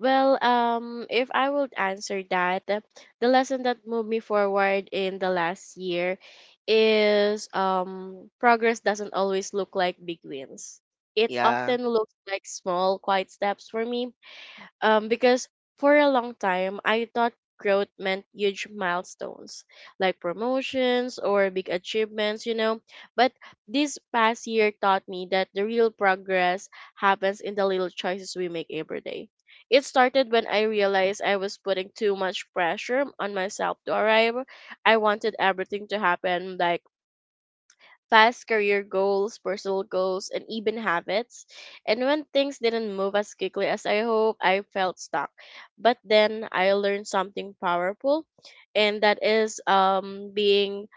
Speaker 2: Well, if I would answer that, the lesson that moved me forward in the last year is, progress doesn't always look like big wins. It
Speaker 1: Yeah,
Speaker 2: often looks like small, quiet steps for me, because for a long time I thought growth meant huge milestones like promotions or big achievements, you know. But this past year taught me that the real progress happens in the little choices we make every day. It started when I realized I was putting too much pressure on myself to arrive. I wanted everything to happen, like past career goals, personal goals, and even habits. And when things didn't move as quickly as I hoped, I felt stuck. But then I learned something powerful, and that is, being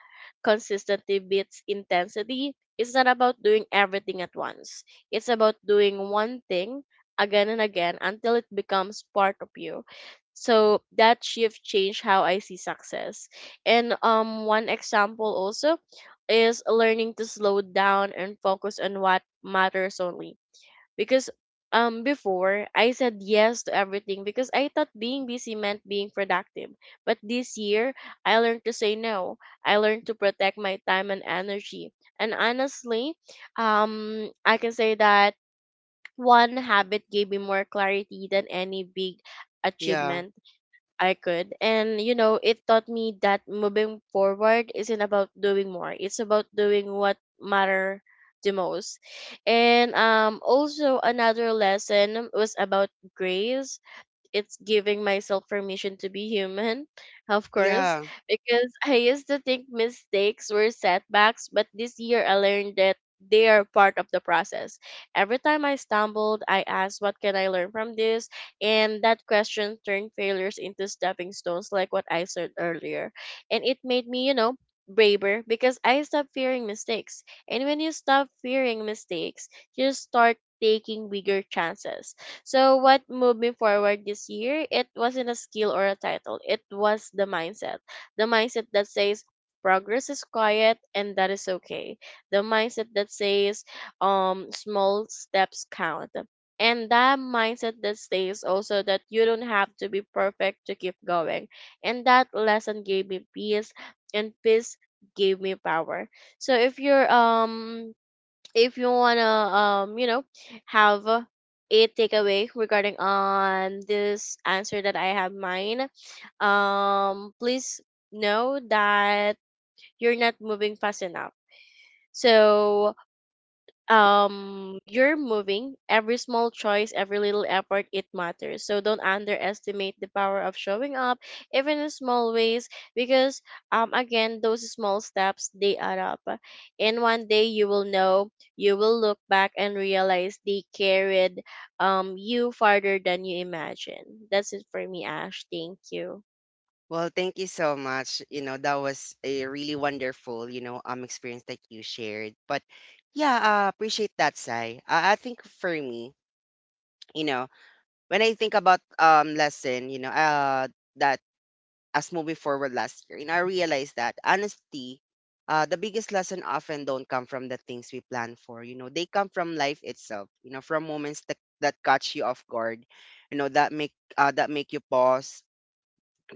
Speaker 2: consistency beats intensity. It's not about doing everything at once. It's about doing one thing again and again until it becomes part of you. So that shift changed how I see success. And one example also is learning to slow down and focus on what matters only, because before, I said yes to everything because I thought being busy meant being productive. But this year, I learned to say no. I learned to protect my time and energy. And honestly, I can say that one habit gave me more clarity than any big
Speaker 1: yeah,
Speaker 2: achievement. I could. And you know, it taught me that moving forward isn't about doing more. It's about doing what matter the most. And also another lesson was about grace. It's giving myself permission to be human, of course,
Speaker 1: yeah.
Speaker 2: because I used to think mistakes were setbacks, but this year I learned that they are part of the process. Every time I stumbled, I asked, what can I learn from this? And that question turned failures into stepping stones, like what I said earlier. And it made me, you know, braver, because I stopped fearing mistakes. And when you stop fearing mistakes, you start taking bigger chances. So what moved me forward this year, it wasn't a skill or a title. It was the mindset. The mindset that says progress is quiet and that is okay. The mindset that says small steps count. And that mindset that says also that you don't have to be perfect to keep going. And that lesson gave me peace, and peace gave me power. So if you're if you wanna um you know have a takeaway regarding on this answer that I have mine, please know that you're not moving fast enough. So, you're moving, every small choice, every little effort, it matters, so don't underestimate the power of showing up even in small ways, because, again, those small steps, they add up, and one day you will know, you will look back and realize they carried, you farther than you imagine. That's it for me, Ash. Thank you.
Speaker 1: Well, thank you so much. That was a really wonderful, experience that you shared. But yeah, appreciate that, Sai. I think for me, you know, when I think about lesson, that as moving forward last year. And I realized that honesty, the biggest lesson often don't come from the things we plan for. They come from life itself. From moments that catch you off guard. That make that make you pause,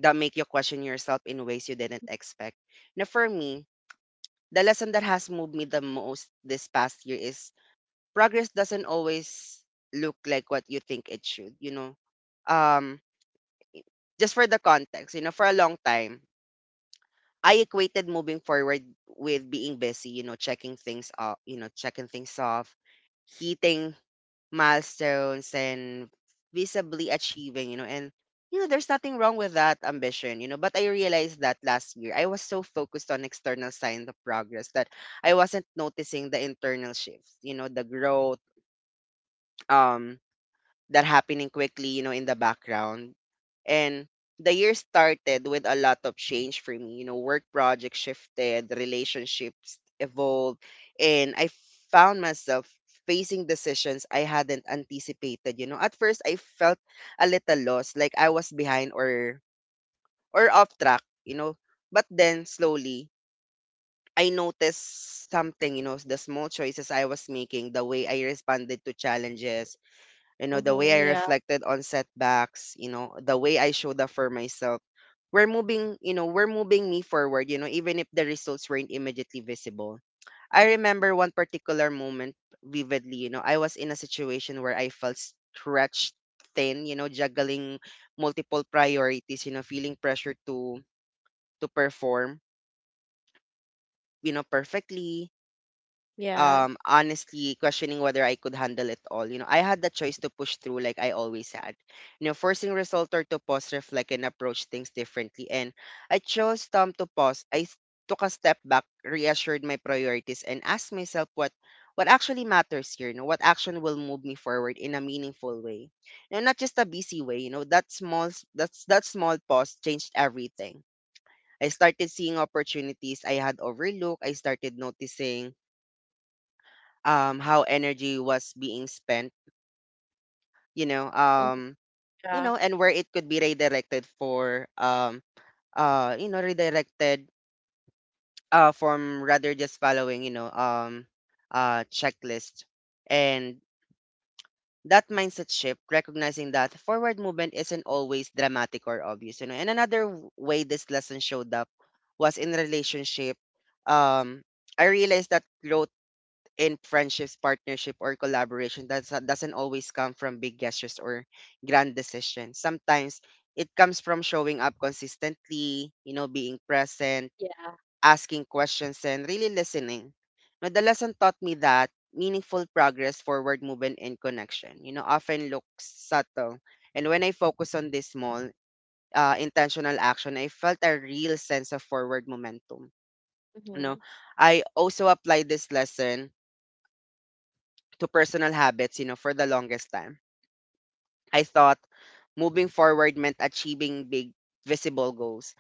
Speaker 1: that make you question yourself in ways you didn't expect. Now, for me, the lesson that has moved me the most this past year is progress doesn't always look like what you think it should. Um, just for the context, for a long time I equated moving forward with being busy, checking things off, hitting milestones and visibly achieving, there's nothing wrong with that ambition, but I realized that last year I was so focused on external signs of progress that I wasn't noticing the internal shifts, the growth, um that happening quickly, in the background. And the year started with a lot of change for me. Work projects shifted, relationships evolved, and I found myself facing decisions I hadn't anticipated. You know, at first I felt a little lost, like I was behind or off track. But then slowly I noticed something, you know, the small choices I was making, the way I responded to challenges, you know, the way
Speaker 2: Mm-hmm,
Speaker 1: I
Speaker 2: yeah.
Speaker 1: reflected on setbacks, you know, the way I showed up for myself. We're moving me forward, you know, even if the results weren't immediately visible. I remember one particular moment vividly, you know, I was in a situation where I felt stretched thin, you know, juggling multiple priorities, you know, feeling pressure to perform, you know, perfectly,
Speaker 2: Yeah.
Speaker 1: honestly questioning whether I could handle it all. You know, I had the choice to push through like I always had. You know, forcing result or to pause, reflect and approach things differently. And I chose to pause. Took a step back, reassured my priorities and asked myself what actually matters here, you know, what action will move me forward in a meaningful way. You know, not just a busy way, you know, that small pause changed everything. I started seeing opportunities I had overlooked. I started noticing how energy was being spent you know
Speaker 2: Mm-hmm,
Speaker 1: um you
Speaker 2: yeah.
Speaker 1: know and where it could be redirected for you know redirected from rather just following checklist. And that mindset shift, recognizing that forward movement isn't always dramatic or obvious, you know. And another way this lesson showed up was in relationship. um I realized that growth in friendships, partnership, or collaboration that doesn't always come from big gestures or grand decisions. Sometimes it comes from showing up consistently, you know, being present, asking questions, and really listening. Now, the lesson taught me that meaningful progress, forward movement, and connection, you know, often looks subtle. And when I focus on this small, intentional action, I felt a real sense of forward momentum. You
Speaker 2: Mm-hmm,
Speaker 1: know, I also applied this lesson to personal habits, you know, for the longest time. I thought moving forward meant achieving big visible goals,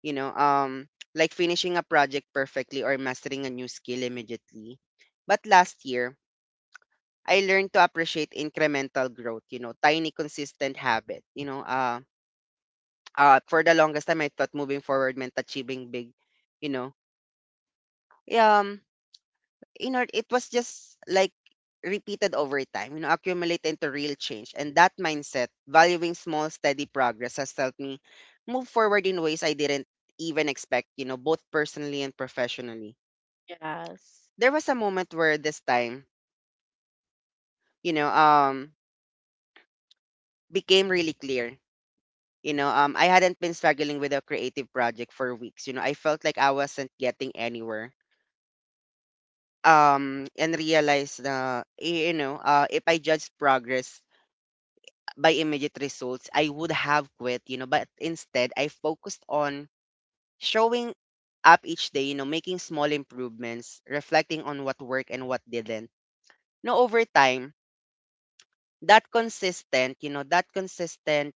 Speaker 1: you know, um like finishing a project perfectly or mastering a new skill immediately. But last year, I learned to appreciate incremental growth, you know, tiny consistent habit, for the longest time I thought moving forward meant achieving big, you know, yeah. You know, it was just like repeated over time, you know, accumulate into real change. And that mindset, valuing small, steady progress, has helped me move forward in ways I didn't even expect, you know, both personally and professionally.
Speaker 2: yes.
Speaker 1: There was a moment where this time, you know, um, became really clear. I hadn't been struggling with a creative project for weeks. You know, I felt like I wasn't getting anywhere. And realized, if I judged progress by immediate results, I would have quit, you know, but instead I focused on showing up each day, you know, making small improvements, reflecting on what worked and what didn't. Now over time, that consistent, you know, that consistent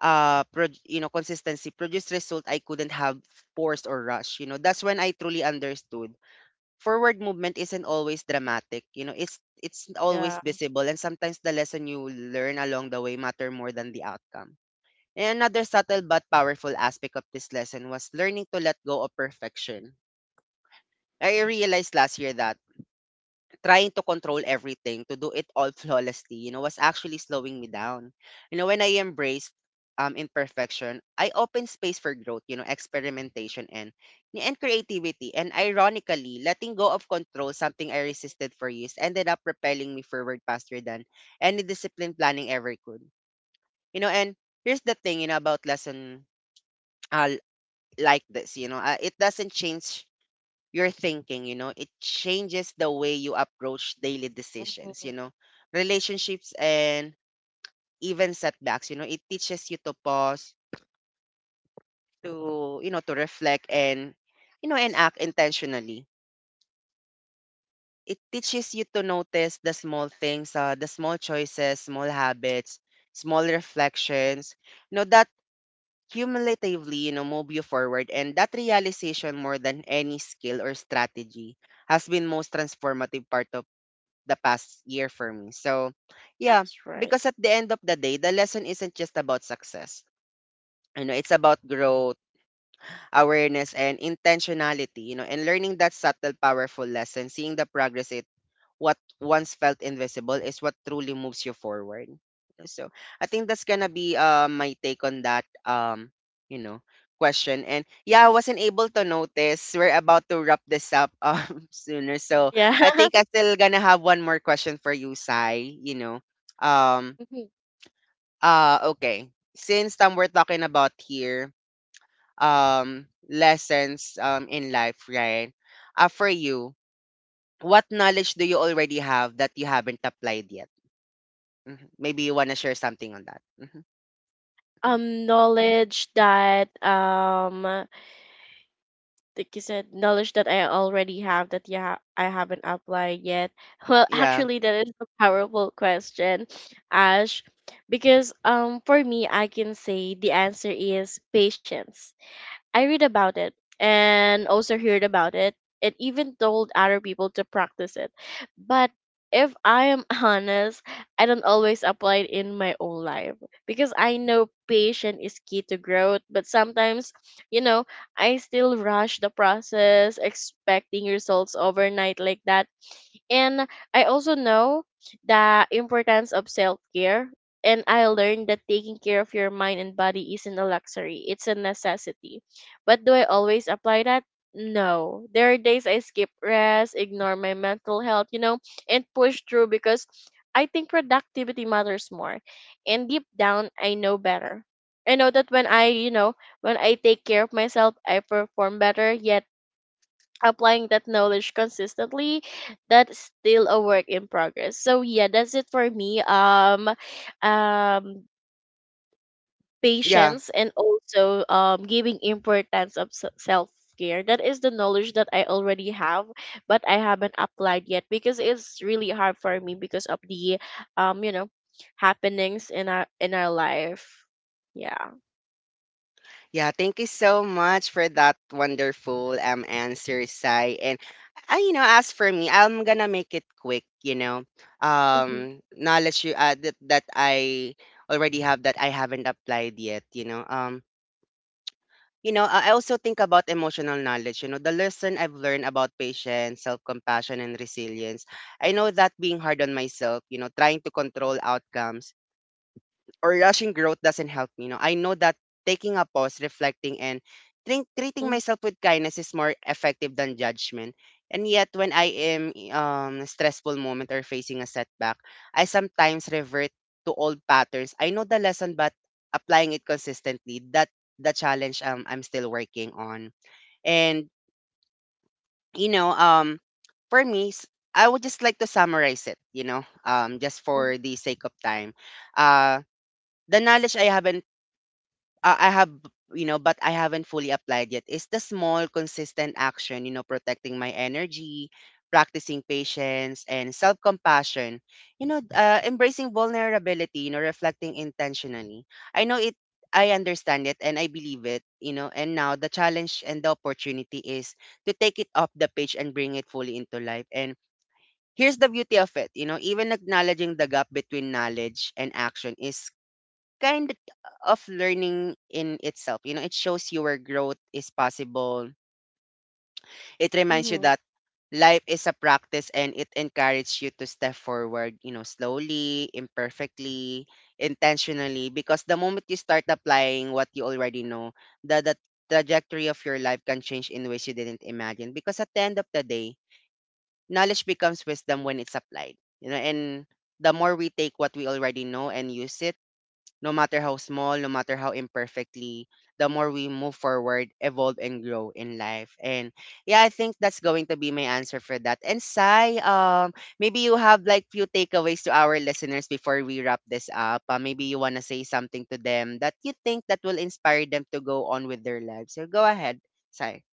Speaker 1: pro- you know consistency produced result I couldn't have forced or rushed. You know, that's when I truly understood forward movement isn't always dramatic. You know, it's
Speaker 2: Yeah.
Speaker 1: always visible and sometimes the lesson you learn along the way matter more than the outcome. And another subtle but powerful aspect of this lesson was learning to let go of perfection. I realized last year that trying to control everything, to do it all flawlessly, you know, was actually slowing me down. You know, when I embraced imperfection, I opened space for growth, you know, experimentation and creativity. And ironically, letting go of control, something I resisted for years, ended up propelling me forward faster than any discipline planning ever could. You know, and here's the thing, you know, about lesson uh, like this, it doesn't change your thinking, you know, it changes the way you approach daily decisions, you know,
Speaker 2: Mm-hmm,
Speaker 1: relationships and even setbacks. You know, it teaches you to pause, to reflect and, you know, and
Speaker 2: yes,
Speaker 1: act intentionally. It teaches you to notice the small things, the small choices, small habits, small reflections, you know, that cumulatively, you know, move you forward. And that realization, more than any skill or strategy, has been most transformative part of the past year for me. So, yeah,
Speaker 2: that's right.
Speaker 1: because at the end of the day, the lesson isn't just about success. You know, it's about growth, awareness, and intentionality. You know, and learning that subtle, powerful lesson, seeing the progress what once felt invisible is what truly moves you forward. So I think that's gonna be my take on that you know question. And yeah, I wasn't able to notice. We're about to wrap this up sooner. So
Speaker 2: Yeah.
Speaker 1: I think I still gonna have one more question for you, Sai. Um
Speaker 2: Mhm.
Speaker 1: uh, okay. Since we're talking about here lessons in life, right? For you, what knowledge do you already have that you haven't applied yet? Mhm. Maybe you want to share something on that. Mhm, mhm.
Speaker 2: Knowledge that like you said, knowledge that I already have that, yeah, I haven't applied yet. Well,
Speaker 1: Yeah.
Speaker 2: actually that is a powerful question, Ash, because for me I can say the answer is patience. I read about it and also heard about it, and even told other people to practice it. But if I am honest, I don't always apply it in my own life, because I know patience is key to growth, but sometimes, you know, I still rush the process, expecting results overnight like that. And I also know the importance of self care. And I learned that taking care of your mind and body isn't a luxury, it's a necessity. But do I always apply that? No. There are days I skip rest, ignore my mental health, you know, and push through because I think productivity matters more. And deep down, I know better. I know that when I, you know, when I take care of myself, I perform better, yet applying that knowledge consistently, that's still a work in progress. So yeah, that's it for me. Um
Speaker 1: Yeah.
Speaker 2: Patience, and also giving importance of self care, that is the knowledge that I already have but I haven't applied yet, because it's really hard for me because of the, you know, happenings in our, in our life. Yeah.
Speaker 1: Yeah. Thank you so much for that wonderful answer, Sai. And you know, as for me, I'm gonna make it quick, you know.
Speaker 2: Mm-hmm.
Speaker 1: Knowledge you that I already have that I haven't applied yet, you know. You know, I also think about emotional knowledge. You know, the lesson I've learned about patience, self compassion, and resilience. I know that being hard on myself, you know, trying to control outcomes or rushing growth doesn't help me. No, I know that taking a pause, reflecting, and think, treating
Speaker 2: Hmm.
Speaker 1: myself with kindness is more effective than judgment. And yet, when I am a stressful moment or facing a setback, I sometimes revert to old patterns. I know the lesson, but applying it consistently that the challenge I'm still working on. And you know, for me, I would just like to summarize it. You know, just for the sake of time. Uh, the knowledge I haven't I have, you know, but I haven't fully applied yet is the small, consistent action, you know, protecting my energy, practicing patience and self compassion, you know, embracing vulnerability, you know, reflecting intentionally. I know it, I understand it and I believe it, you know, and now the challenge and the opportunity is to take it off the page and bring it fully into life. And here's the beauty of it, you know, even acknowledging the gap between knowledge and action is kind of learning in itself. You know, it shows you where growth is possible. It reminds you
Speaker 2: Hmm.
Speaker 1: that life is a practice and it encourages you to step forward, you know, slowly, imperfectly, intentionally. Because the moment you start applying what you already know, the trajectory of your life can change in ways you didn't imagine. Because at the end of the day, knowledge becomes wisdom when it's applied. You know, and the more we take what we already know and use it, no matter how small, no matter how imperfectly, the more we move forward, evolve, and grow in life. And yeah, I think that's going to be my answer for that. And Sai, maybe you have like few takeaways to our listeners before we wrap this up. Maybe you wanna say something to them that you think that will inspire them to go on with their lives. So go ahead, Sai.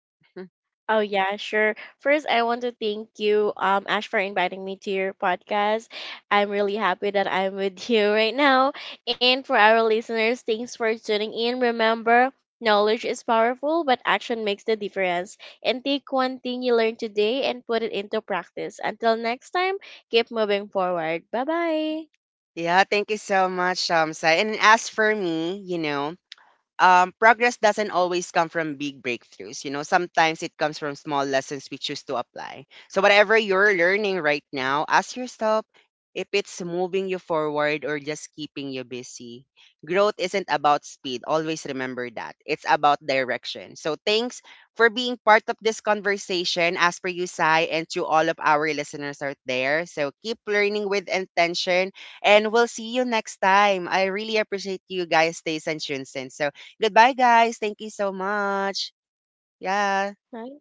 Speaker 2: Oh yeah, sure. First, I want to thank you, Ash, for inviting me to your podcast. I'm really happy that I'm with you right now. And for our listeners, thanks for tuning in. Remember, knowledge is powerful, but action makes the difference. And take one thing you learned today and put it into practice. Until next time, keep moving forward. Bye bye.
Speaker 1: Yeah, thank you so much, Sai. And as for me, you know, progress doesn't always come from big breakthroughs. You know, sometimes it comes from small lessons we choose to apply. So, whatever you're learning right now, ask yourself if it's moving you forward or just keeping you busy. Growth isn't about speed. Always remember that. It's about direction. So, thanks for being part of this conversation, as per you, Sai, and to all of our listeners out there. So, keep learning with intention, and we'll see you next time. I really appreciate you guys, stays and Shunsen. So, goodbye, guys. Thank you so much. Yeah.
Speaker 2: Bye.